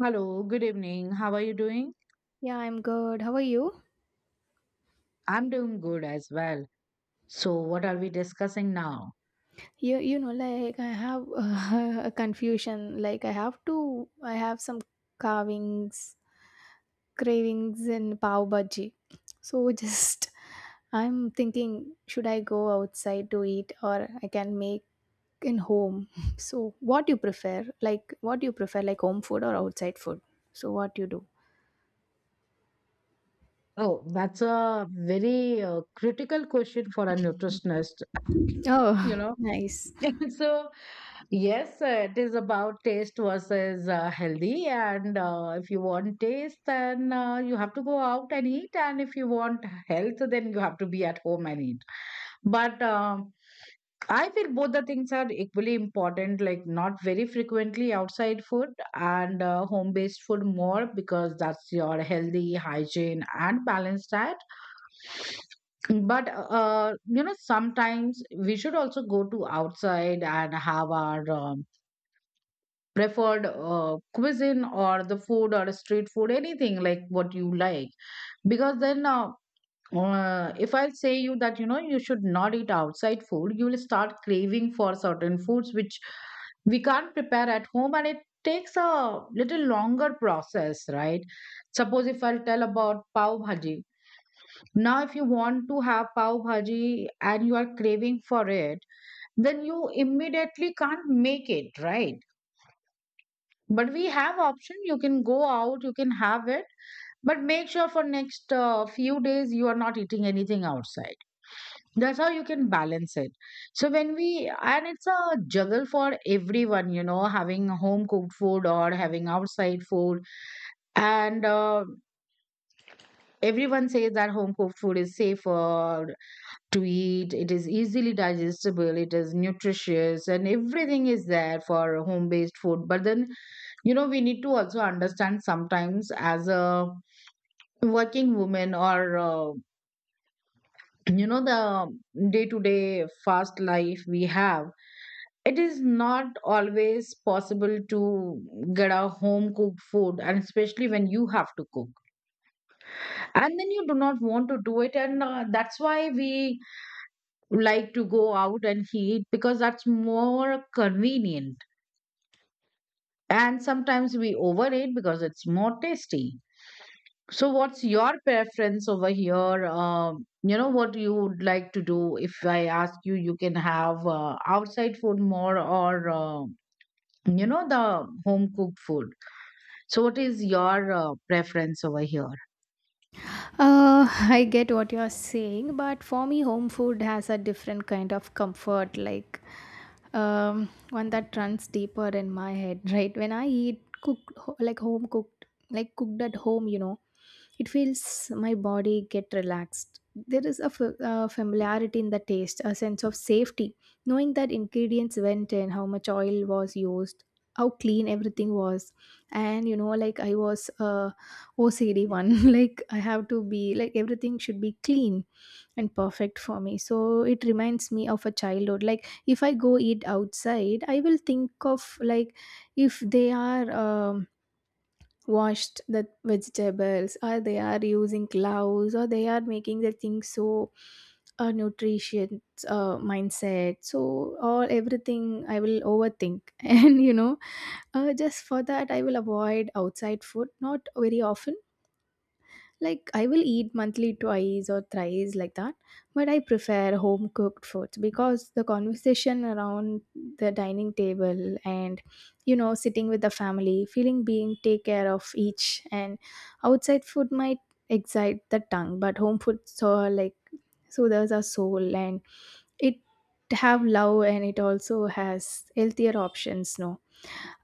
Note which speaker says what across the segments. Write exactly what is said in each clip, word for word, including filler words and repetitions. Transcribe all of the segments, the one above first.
Speaker 1: Hello, good evening. How are you doing?
Speaker 2: Yeah, I'm good. How are you?
Speaker 1: I'm doing good as well. So, what are we discussing now?
Speaker 2: You you know, like, I have a confusion. Like, I have to I have some carvings, cravings in pav bhaji. So, just, I'm thinking should I go outside to eat or I can make in home. So what you prefer? Like, what do you prefer, like home food or outside food? So what you do?
Speaker 1: Oh, that's a very uh, critical question for a nutritionist, you
Speaker 2: Oh,
Speaker 1: know.
Speaker 2: nice.
Speaker 1: So, yes, uh, it is about taste versus uh, healthy. And uh, if you want taste, then uh, you have to go out and eat. And if you want health, then you have to be at home and eat. But um I feel both the things are equally important, like not very frequently outside food and uh, home based food more because that's your healthy, hygiene, and balanced diet. But, uh, you know, sometimes we should also go to outside and have our um, preferred uh, cuisine or the food or street food, anything like what you like. Because then, uh, uh, if I say you that you know you should not eat outside food, you will start craving for certain foods which we can't prepare at home, and it takes a little longer process, right? Suppose if I'll tell about pav bhaji. Now if you want to have pav bhaji and you are craving for it, then you immediately can't make it, right? But we have option, you can go out, you can have it. But make sure for next uh, few days you are not eating anything outside. That's how you can balance it. So when we and it's a juggle for everyone, you know having home cooked food or having outside food. And uh, everyone says that home cooked food is safer to eat, it is easily digestible, it is nutritious, and everything is there for home based food. But then you know we need to also understand, sometimes as a working woman, or uh, you know the day to day fast life we have, it is not always possible to get a home cooked food, and especially when you have to cook and then you do not want to do it. And uh, that's why we like to go out and eat because that's more convenient, and sometimes we overeat because it's more tasty. So what's your preference over here? Um, you know what you would like to do if I ask you? You can have uh, outside food more, or uh, you know the home cooked food. So, what is your uh, preference over here?
Speaker 2: Uh, I get what you're saying, but for me, home food has a different kind of comfort, like um, one that runs deeper in my head, right? When I eat cooked, ho- like home cooked, like cooked at home, you know, it feels my body get relaxed. There is a f- uh, familiarity in the taste, a sense of safety, knowing that ingredients went in, how much oil was used, how clean everything was, and you know, like I was. Uh, O C D one. Like, I have to be like everything should be clean and perfect for me. So it reminds me of a childhood. Like, if I go eat outside, I will think of, like, if they are um, washed the vegetables, or they are using gloves, or they are making the things. So a nutrition uh, mindset, so all, everything I will overthink, and you know uh, just for that I will avoid outside food, not very often. Like, I will eat monthly twice or thrice, like that. But I prefer home cooked foods because the conversation around the dining table, and you know sitting with the family, feeling being take care of each. And outside food might excite the tongue, but home food so like soothes our soul, and it have love, and it also has healthier options, no.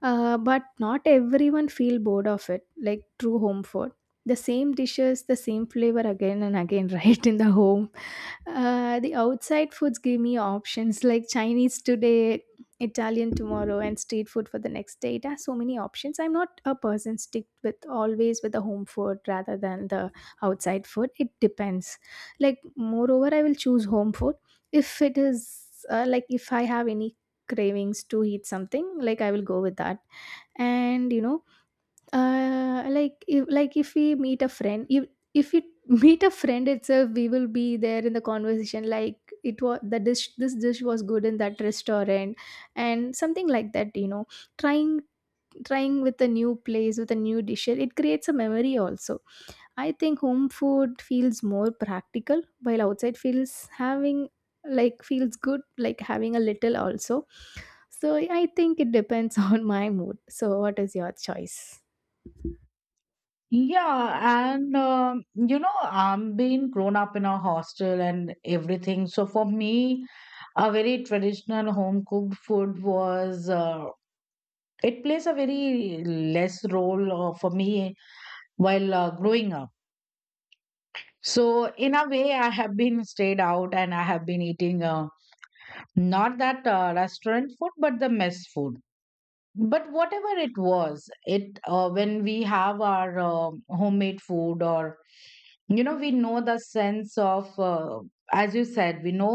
Speaker 2: uh, But not everyone feel bored of it, like true home food. The same dishes, the same flavor again and again, right, in the home. Uh, the outside foods give me options like Chinese today, Italian tomorrow, and street food for the next day. It has so many options. I'm not a person stick with always with the home food rather than the outside food. It depends. Like, moreover, I will choose home food if it is, uh, like if I have any cravings to eat something, like I will go with that. And, you know uh, like, if, like if we meet a friend, if if we meet a friend itself, we will be there in the conversation, like it was the dish, this dish was good in that restaurant, and something like that, you know, trying trying with a new place with a new dish, it creates a memory also. I think home food feels more practical, while outside feels having, like feels good, like having a little also. So I think it depends on my mood. So what is your choice?
Speaker 1: Yeah, and um, you know, I'm being grown up in a hostel and everything. So for me, a very traditional home cooked food was, uh, it plays a very less role uh, for me while uh, growing up. So in a way, I have been stayed out and I have been eating uh, not that uh, restaurant food, but the mess food. But whatever it was, it uh, when we have our um homemade food, or you know we know the sense of, uh, as you said, we know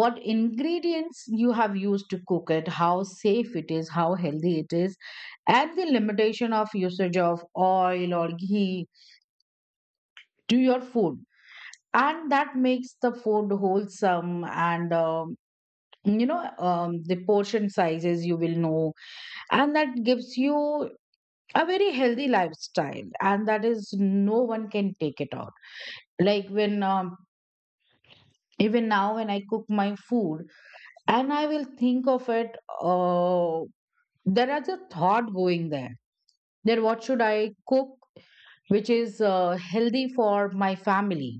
Speaker 1: what ingredients you have used to cook it, how safe it is, how healthy it is, and the limitation of usage of oil or ghee to your food. And that makes the food wholesome, and um, you know um, the portion sizes you will know, and that gives you a very healthy lifestyle, and that is no one can take it out. Like when, um, even now when I cook my food and I will think of it, uh, there is a thought going there, that what should I cook, which is uh, healthy for my family,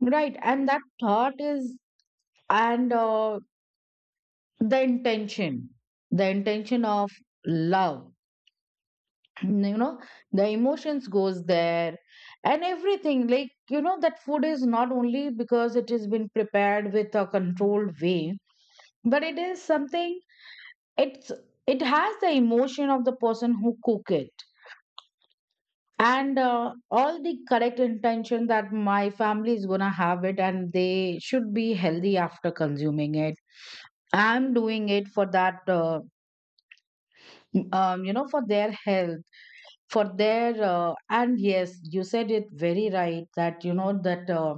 Speaker 1: right? And that thought is, and uh, the intention, the intention of love, you know the emotions goes there and everything. Like you know that food is not only because it has been prepared with a controlled way, but it is something, it's it has the emotion of the person who cook it. And uh, all the correct intention that my family is gonna have it and they should be healthy after consuming it. I'm doing it for that, uh, um, you know for their health, for their uh, And yes, you said it very right that, you know that uh,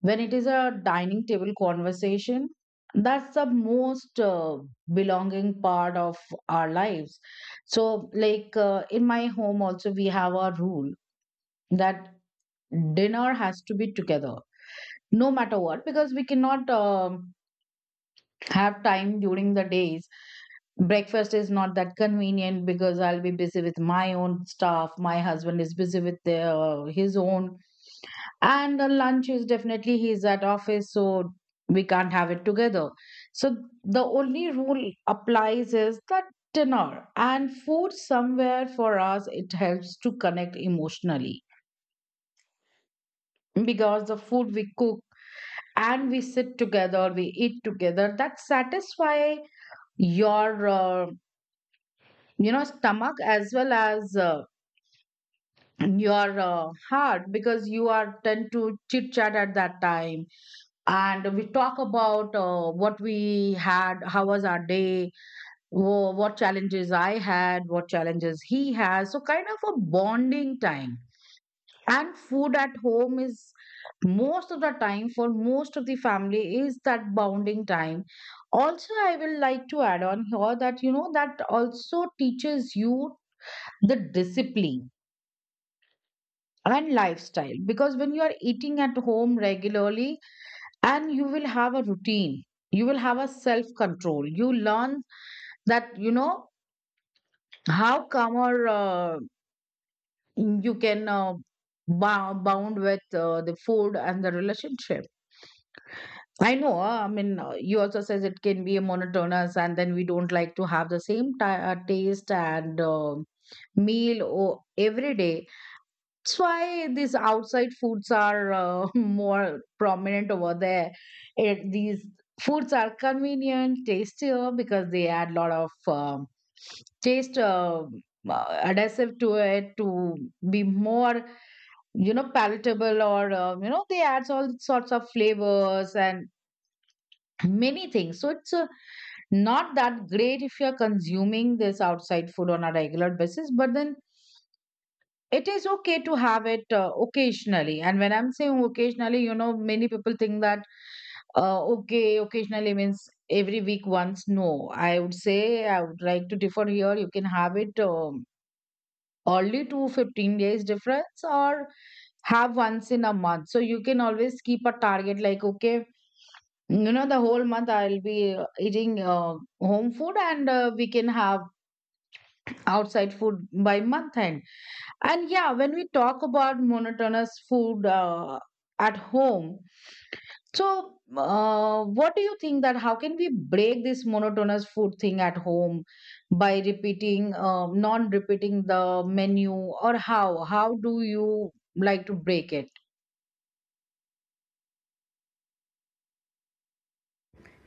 Speaker 1: when it is a dining table conversation, that's the most uh, belonging part of our lives. So like, uh, in my home also we have a rule that dinner has to be together, no matter what, because we cannot um have time during the days. Breakfast is not that convenient because I'll be busy with my own stuff. My husband is busy with their, his own. And the lunch is definitely he's at office, so we can't have it together. So the only rule applies is that dinner and food somewhere for us, it helps to connect emotionally because the food we cook and we sit together, we eat together, that satisfy your, uh, you know stomach, as well as uh, your uh, heart, because you are tend to chit chat at that time. And we talk about uh, what we had, how was our day, wha- what challenges I had, what challenges he has. So kind of a bonding time. And food at home is most of the time, for most of the family, is that bonding time. Also, I will like to add on here that, you know that also teaches you the discipline and lifestyle, because when you are eating at home regularly, and you will have a routine, you will have a self control. You learn that, you know how calmer uh, you can, uh, bou- bound with uh, the food and the relationship. I know, uh, i mean uh, you also says it can be a monotonous and then we don't like to have the same ti uh, taste and uh, meal o- every day. That's why these outside foods are uh, more prominent over there. It, these foods are convenient, tastier because they add a lot of um taste uh, uh, adhesive to it, to be more, you know palatable, or uh, you know they add all sorts of flavors and many things. So it's uh, not that great if you're consuming this outside food on a regular basis, but then it is okay to have it uh, occasionally. And when I'm saying occasionally, you know, many people think that, uh, okay, occasionally means every week once. No, I would say, I would like to differ here. You can have it um, only to fifteen days difference, or have once in a month. So you can always keep a target like, okay, you know, the whole month I'll be uh, eating uh, home food, and uh, we can have outside food by month end. And yeah, when we talk about monotonous food uh, at home, so uh, what do you think, that how can we break this monotonous food thing at home by repeating, uh, non-repeating the menu, or how? How do you like to break it?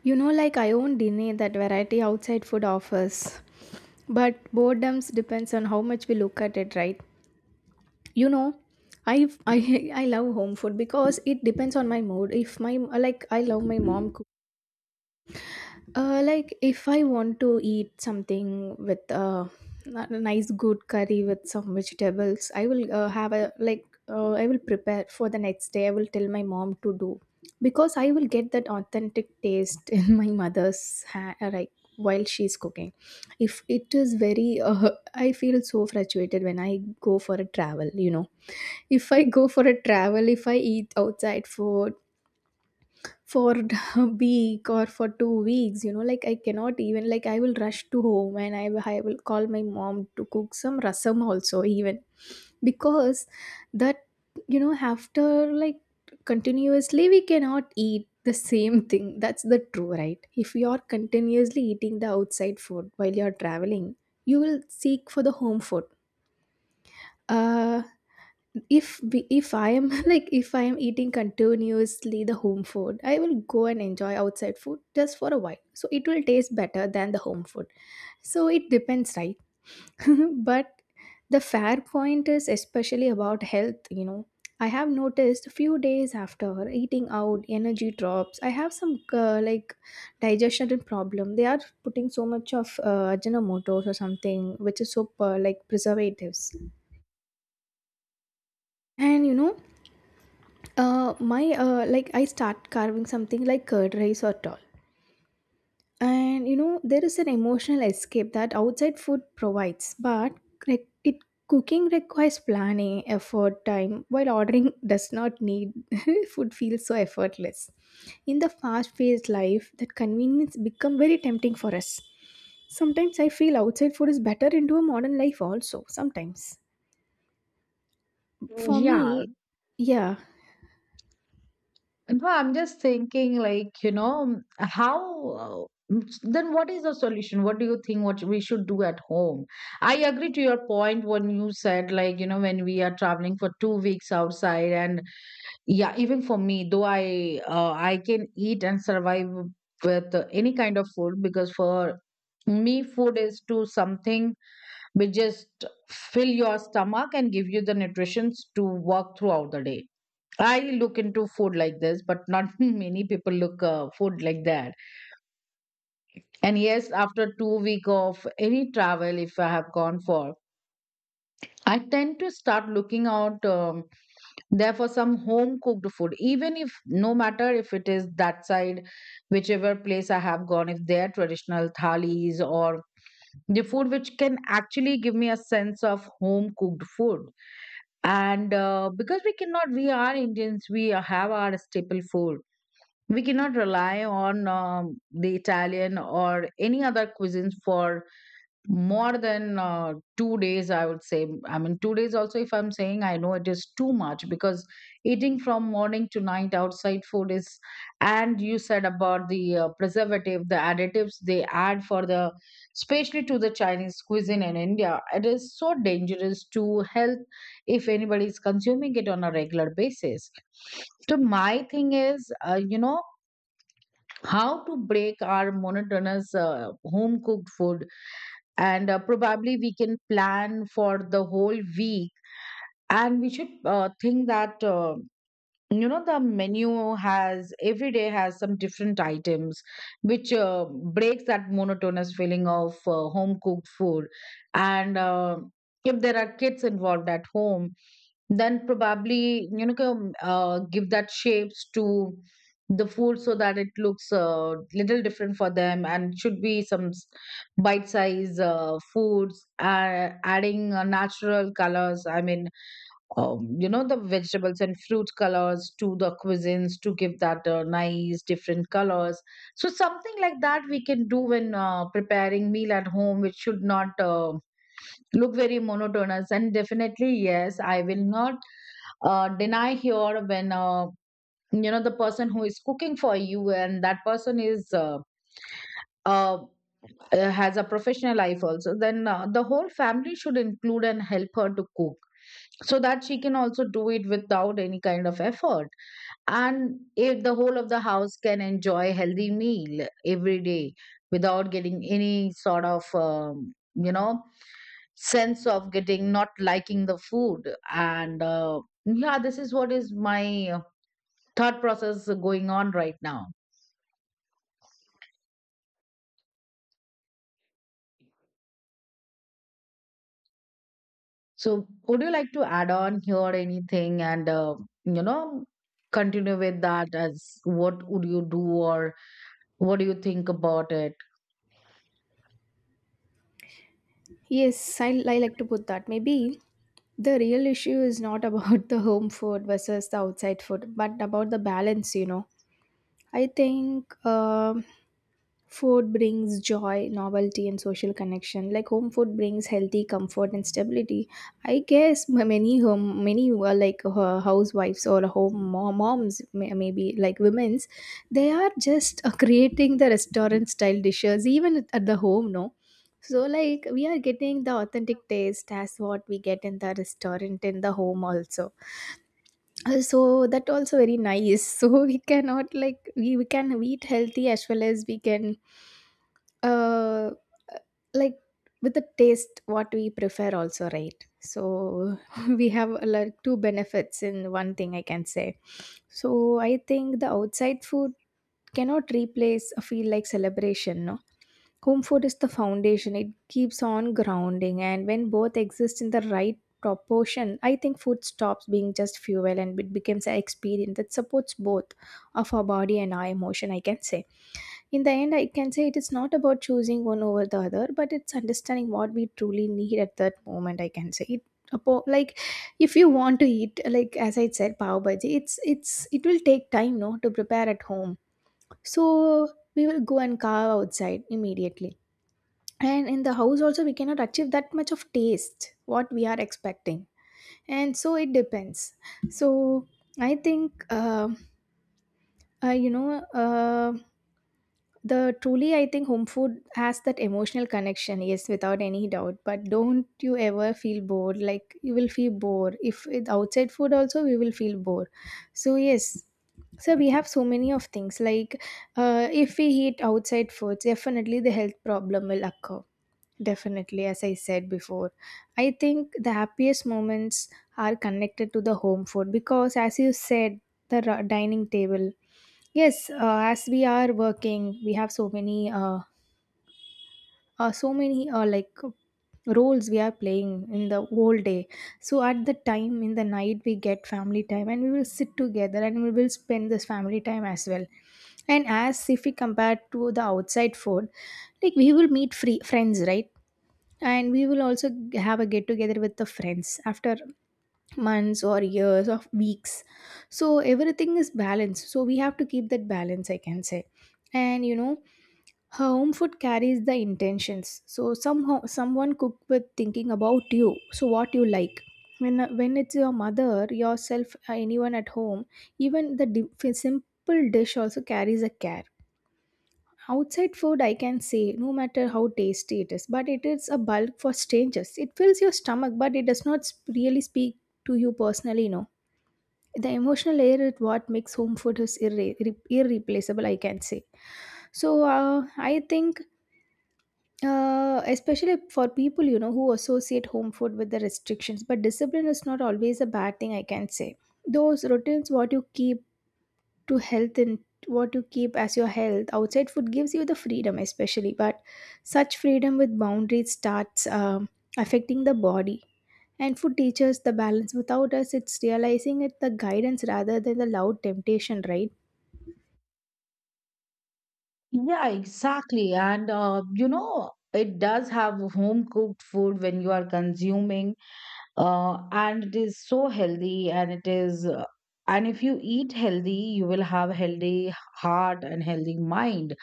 Speaker 2: You know, like, I won't deny that variety outside food offers. But boredoms depends on how much we look at it, right? You know, I I I love home food because it depends on my mood. If my, like, I love my mom. Uh, like, if I want to eat something with, uh, a nice good curry with some vegetables, I will, uh, have a, like, uh, I will prepare for the next day. I will tell my mom to do, because I will get that authentic taste in my mother's, ha- like, while she's cooking. If it is very, uh, I feel so frustrated when I go for a travel. You know, if I go for a travel, if I eat outside food for a week or for two weeks, you know, like, I cannot even, like, I will rush to home and i, will- I will call my mom to cook some rasam also even, because that, you know, after, like, continuously we cannot eat the same thing. That's the true, right? If you are continuously eating the outside food while you are traveling, you will seek for the home food. uh, if we- if I am like, if I am eating continuously the home food, I will go and enjoy outside food just for a while. So it will taste better than the home food. So it depends, right? But the fair point is especially about health, you know. I have noticed a few days after eating out, energy drops. I have some, uh, like, digestion problem. They are putting so much of uh, Ajinomoto or something, which is so, uh, like, preservatives. And you know, Uh, my, uh, like, I start carving something like curd rice or dal, and you know there is an emotional escape that outside food provides. But, like, it, cooking requires planning, effort, time. While ordering does not need, food feels so effortless. In the fast-paced life, that convenience become very tempting for us. Sometimes I feel outside food is better into a modern life also. Sometimes for
Speaker 1: Yeah,
Speaker 2: me, yeah.
Speaker 1: no, I'm just thinking, like, you know, um, how, then what is the solution? What do you think what we should do at home? I agree to your point when you said, like, you know, when we are traveling for two weeks outside, and yeah, even for me, though I uh, I can eat and survive with uh, any kind of food, because for me, food is to something which just fill your stomach and give you the nutrition to work throughout the day. I look into food like this, but not many people look uh, food like that. And yes, after two week of any travel, if I have gone for, I tend to start looking out, um, there for some home cooked food, even if, no matter if it is that side, whichever place I have gone, if they are traditional thalis or the food which can actually give me a sense of home cooked food. And uh, because we cannot, we are Indians, we have our staple food. We cannot rely on um, the Italian or any other cuisines for more than uh, two days, I would say. I mean, two days also, if I'm saying, I know it is too much, because eating from morning to night outside food is, and you said about the uh, preservative, the additives they add for the, especially to the Chinese cuisine in India, it is so dangerous to health if anybody is consuming it on a regular basis. So, my thing is, uh, you know, how to break our monotonous uh, home cooked food. And uh, probably we can plan for the whole week, and we should uh, think that, uh, you know the menu has every day has some different items, which uh, breaks that monotonous feeling of uh, home cooked food. And uh, if there are kids involved at home, then probably, you know, come, uh, give that shapes to the food so that it looks uh, little different for them, and should be some s- bite size uh, foods, uh, adding uh, natural colors. I mean, um, you know, the vegetables and fruit colors to the cuisines to give that uh, nice different colors. So something like that we can do when uh, preparing meal at home, which should not uh, look very monotonous. And definitely, yes, I will not uh, deny here when uh, you know the person who is cooking for you and that person is uh, uh, uh, has a professional life also, then uh, the whole family should include and help her to cook, so that she can also do it without any kind of effort. And if the whole of the house can enjoy healthy meal every day without getting any sort of um, you know sense of getting not liking the food. And uh, yeah, this is what is my uh, thought process going on right now. So, would you like to add on here anything, and, uh, you know, continue with that as what would you do, or what do you think about it?
Speaker 2: Yes, I, I like to put that. Maybe the real issue is not about the home food versus the outside food, but about the balance, you know. I think um food brings joy, novelty, and social connection. Like home food brings healthy comfort and stability. I guess m- many home, many uh, like uh, housewives or home mom, moms, may- maybe like women's, they are just, uh, creating the restaurant style dishes even at at the home. No, so like we are getting the authentic taste as what we get in the restaurant in the home also. Uh, so that also very nice. So we cannot, like, we, we can eat healthy as well as we can, uh like, with the taste what we prefer also, right? So we have, uh, like, two benefits in one thing I can say. So I think the outside food cannot replace a feel like celebration, no. Home food is the foundation. It keeps on grounding, and when both exist in the right proportion, I think food stops being just fuel and it becomes an experience that supports both of our body and our emotion, I can say. In the end, I can say it is not about choosing one over the other, but it's understanding what we truly need at that moment, I can say it. apo- Like, if you want to eat, like as I said, pav bhaji, it's it's it will take time, no, to prepare at home. So we will go and carve outside immediately, and in the house also we cannot achieve that much of taste what we are expecting. And so it depends. So I think, uh, uh, you know uh, the truly, I think home food has that emotional connection, yes, without any doubt. But don't you ever feel bored? Like, you will feel bored if with outside food also we will feel bored. So yes. So we have so many of things, like, uh, if we eat outside foods, definitely the health problem will occur. Definitely, as I said before, I think the happiest moments are connected to the home food because, as you said, the ra- dining table. Yes, uh, as we are working, we have so many, uh, uh, so many, uh, like, roles we are playing in the whole day. So at the time in the night, we get family time, and we will sit together and we will spend this family time as well. And as if we compare to the outside food, like we will meet free friends, right? And we will also, g- have a get together with the friends after months or years or weeks. So everything is balanced, so we have to keep that balance, I can say. And you know, home food carries the intentions. So somehow someone cook with thinking about you, so what you like, when, when it's your mother, yourself, uh, anyone at home, even the di- simple dish also carries a care. Outside food, I can say, no matter how tasty it is, but it is a bulk for strangers. It fills your stomach, but it does not sp- really speak to you personally, no. The emotional layer is what makes home food is irre- irre- irreplaceable, I can say. So, uh, I think, uh, especially for people, you know, who associate home food with the restrictions, but discipline is not always a bad thing, I can say. Those routines, what you keep, to health and what you keep as your health outside food gives you the freedom, especially, but such freedom with boundaries starts um, affecting the body, and food teaches the balance without us it's realizing it, the guidance rather than the loud temptation, right?
Speaker 1: Yeah, exactly. And, uh, you know, it does have home cooked food when you are consuming, uh, and it is so healthy, and it is. Uh, and if you eat healthy, you will have healthy heart and healthy mind.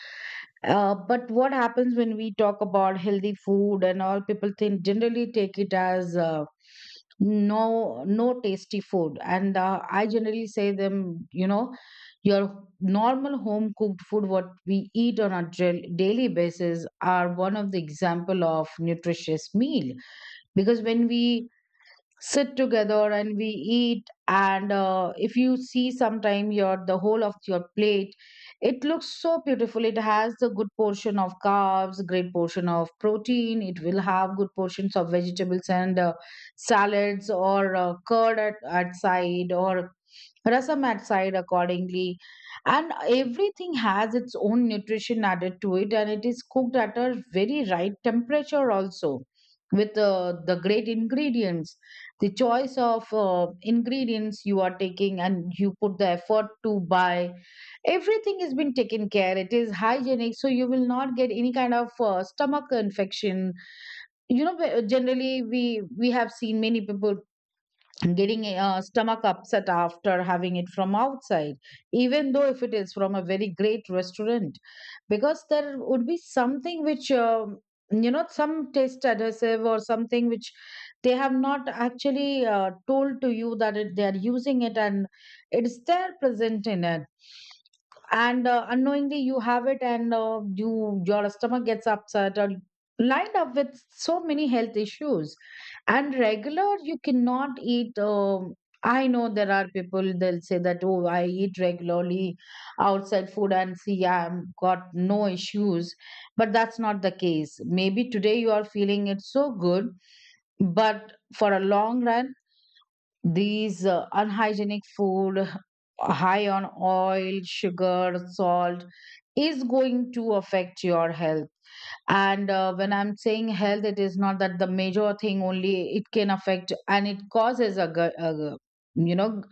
Speaker 1: Uh, but what happens when we talk about healthy food and all, people think generally, take it as uh, no no tasty food. And uh, I generally say them, you know, your normal home cooked food, what we eat on a dra- daily basis, are one of the example of nutritious meal, because when we sit together and we eat. And uh, if you see sometime your the whole of your plate, it looks so beautiful. It has the good portion of carbs, great portion of protein, it will have good portions of vegetables, and uh, salads or uh, curd at, at side, or rasam at side accordingly, and everything has its own nutrition added to it, and it is cooked at a very right temperature also, with uh, the great ingredients, the choice of uh, ingredients you are taking, and you put the effort to buy. Everything has been taken care, it is hygienic, so you will not get any kind of uh, stomach infection. You know, wh- generally we we have seen many people getting a uh, stomach upset after having it from outside, even though if it is from a very great restaurant. Because there would be something which um, you know some taste adhesive or something which they have not actually uh, told to you, that it, they are using it, and it's there present in it. And uh, unknowingly you have it, and uh, you, your stomach gets upset, or lined up with so many health issues. And regular you cannot eat. Um, I know there are people, they'll say that, oh, I eat regularly outside food and see, yeah, I'm got no issues. But that's not the case. Maybe today you are feeling it so good, but for a long run, these uh, unhygienic food, high on oil, sugar, salt, is going to affect your health. And uh, when I'm saying health, it is not that the major thing only it can affect, and it causes a gut, a, you know,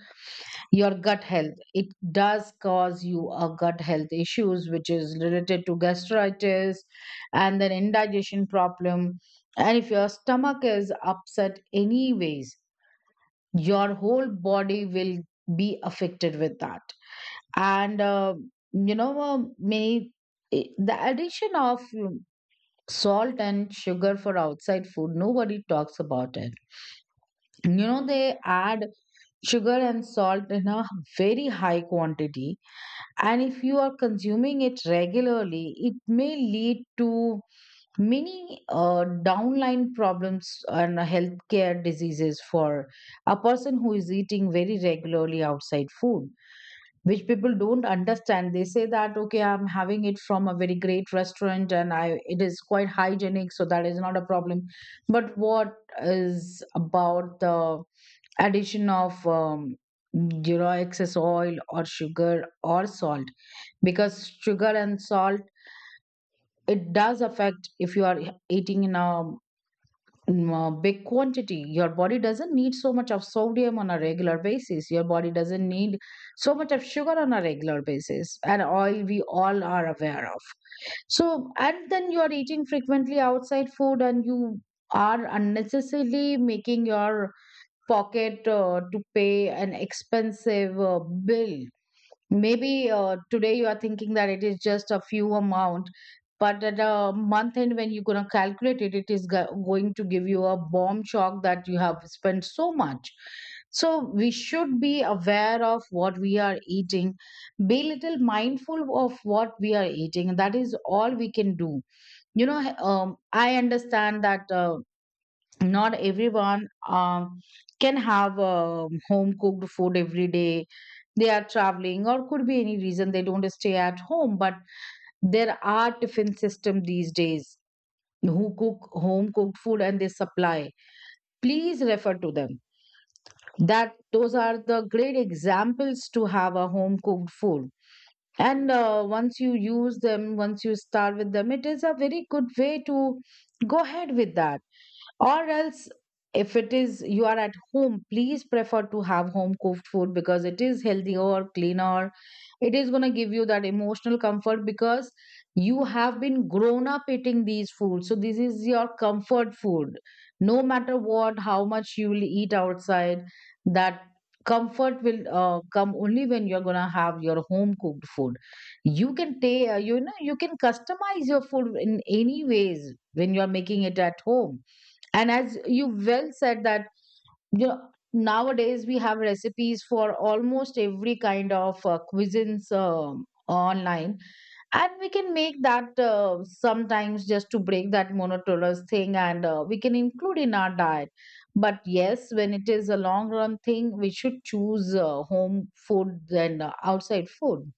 Speaker 1: your gut health. It does cause you a gut health issues, which is related to gastritis and then indigestion problem. And if your stomach is upset anyways, your whole body will be affected with that. And uh, you know uh, many, i- the addition of um, salt and sugar for outside food, nobody talks about it. You know, they add sugar and salt in a very high quantity, and if you are consuming it regularly, it may lead to many uh, downline problems and healthcare diseases for a person who is eating very regularly outside food. Which people don't understand, they say that, okay, I'm having it from a very great restaurant and I, it is quite hygienic, so that is not a problem. But what is about the addition of um, you know excess oil or sugar or salt? Because sugar and salt, it does affect if you are eating in a mm, uh, big quantity. Your body doesn't need so much of sodium on a regular basis, your body doesn't need so much of sugar on a regular basis, and oil we all are aware of. So, and then you are eating frequently outside food, and you are unnecessarily making your pocket uh, to pay an expensive uh, bill. Maybe uh, today you are thinking that it is just a few amount, but at a month end, when you're going to calculate it, it is go- going to give you a bomb shock that you have spent so much. So we should be aware of what we are eating, be little mindful of what we are eating. That is all we can do. You know, um, I understand that uh, not everyone um, can have um home cooked food every day. They are traveling, or could be any reason they don't stay at home. But there are tiffin system these days, who cook home cooked food and they supply. Please refer to them, that those are the great examples to have a home cooked food. And uh, once you use them, once you start with them, it is a very good way to go ahead with that. Or else, if it is you are at home, please prefer to have home cooked food, because it is healthier, cleaner. It is going to give you that emotional comfort, because you have been grown up eating these foods, so this is your comfort food. No matter what, how much you will eat outside, that comfort will uh, come only when you're going to have your home cooked food. You can take, you know, you can customize your food in any ways when you're making it at home. And as you well said that, you know, nowadays we have recipes for almost every kind of uh, cuisines um, online, and we can make that uh, sometimes just to break that monotonous thing, and uh, we can include in our diet. But yes, when it is a long run thing, we should choose uh, home food than uh, outside food.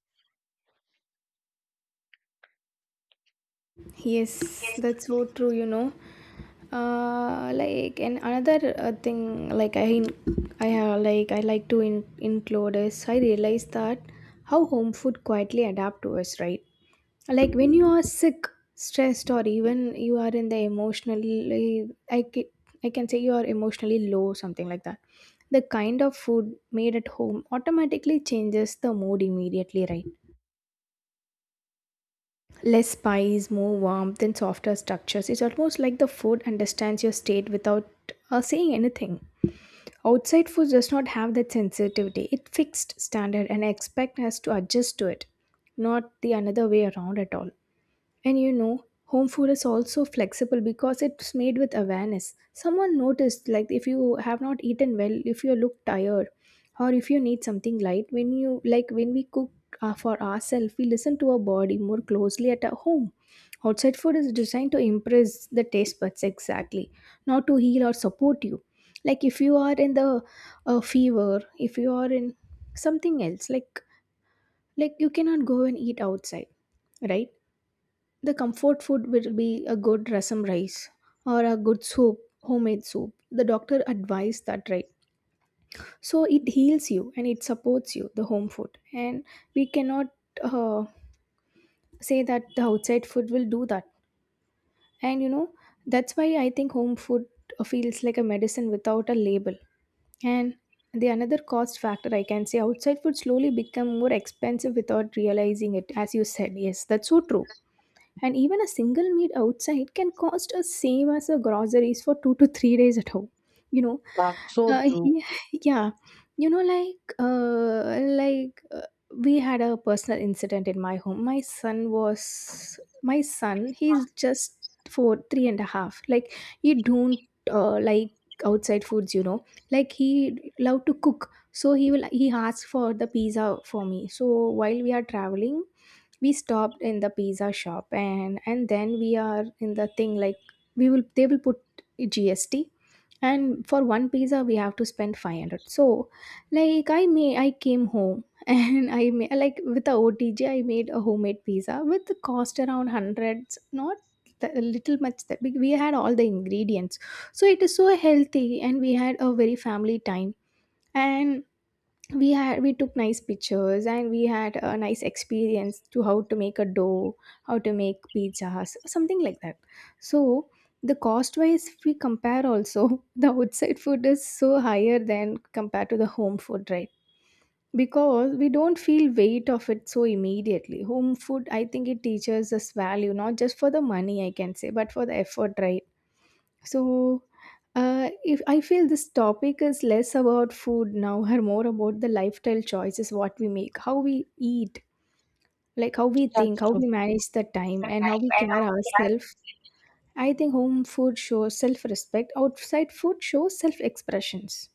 Speaker 2: Yes,
Speaker 1: Yes,
Speaker 2: that's so true, you know. Uh, like, and another uh, thing, like, i i have, like, I like to in, include is I realize that how home food quietly adapt to us, right? Like when you are sick, stressed, or even you are in the emotionally i ca- I can say you are emotionally low, something like that, the kind of food made at home automatically changes the mood immediately, right? Less spice, more warmth, and softer structures. It's almost like the food understands your state without uh, saying anything. Outside food does not have that sensitivity. It fixed standard and expect us to adjust to it, not the another way around at all. And you know, home food is also flexible because it's made with awareness. Someone noticed, like, if you have not eaten well, if you look tired, or if you need something light, when you like when we cook uh, for ourselves, we listen to our body more closely at our home. Outside food is designed to impress the taste buds exactly, not to heal or support you. Like if you are in the uh, fever, if you are in something else, like like you cannot go and eat outside, right? The comfort food will be a good rasam rice or a good soup, homemade soup. The doctor advised that, right? So it heals you and it supports you, the home food. And we cannot uh, say that the outside food will do that. And you know, that's why I think home food feels like a medicine without a label. And the another cost factor, I can say, outside food slowly become more expensive without realizing it, as you said. Yes, that's so true, and even a single meal outside can cost us same as the groceries for two to three days at home, you know.
Speaker 1: that's so
Speaker 2: Uh,
Speaker 1: true.
Speaker 2: yeah, yeah. You know, like, uh, like uh, we had a personal incident in my home. My son was, my son, he's just four, three and a half. Like, he don't uh, like outside foods. You know, like he love to cook. So he will, he asked for the pizza for me. So while we are traveling, we stopped in the pizza shop, and and then we are in the thing like we will they will put G S T, and for one pizza we have to spend five hundred. So like i may I came home and I may like with the otj I made a homemade pizza with the cost around hundreds, not the, a little much, that we we had all the ingredients. So it is so healthy, and we had a very family time. And we had we took nice pictures, and we had a nice experience to how to make a dough, how to make pizzas, something like that. So the cost wise if we compare also, the outside food is so higher than compared to the home food, right? Because we don't feel weight of it so immediately, home food, I think it teaches us value, not just for the money, I can say, but for the effort, right? So, uh, if I feel this topic is less about food now and more about the lifestyle choices, what we make, how we eat, like how we
Speaker 1: That's
Speaker 2: think, how
Speaker 1: true.
Speaker 2: we manage the time, and how we care ourselves. I think home food shows self respect, outside food shows self expressions.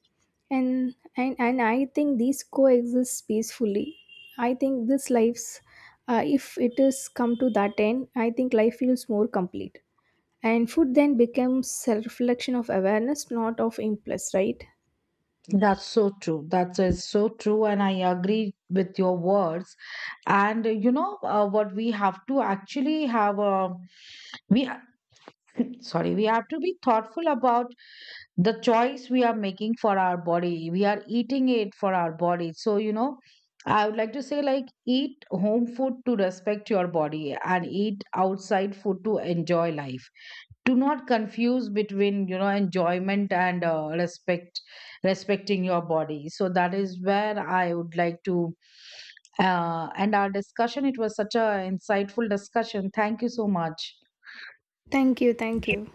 Speaker 2: And, and and I think these coexist peacefully. I think this life's, uh, if it is come to that end, I think life feels more complete. And food then becomes a reflection of awareness, not of impulse, right?
Speaker 1: That's so true. That is so true. And I agree with your words. And uh, you know, uh, what we have to actually have, uh, we, ha- sorry, we have to be thoughtful about the choice we are making for our body. We are eating it for our body. So, you know, I would like to say, like, eat home food to respect your body, and eat outside food to enjoy life. Do not confuse between, you know, enjoyment and uh, respect, respecting your body. So that is where I would like to. Uh, and our discussion, it was such a insightful discussion. Thank you so much.
Speaker 2: Thank you, thank you.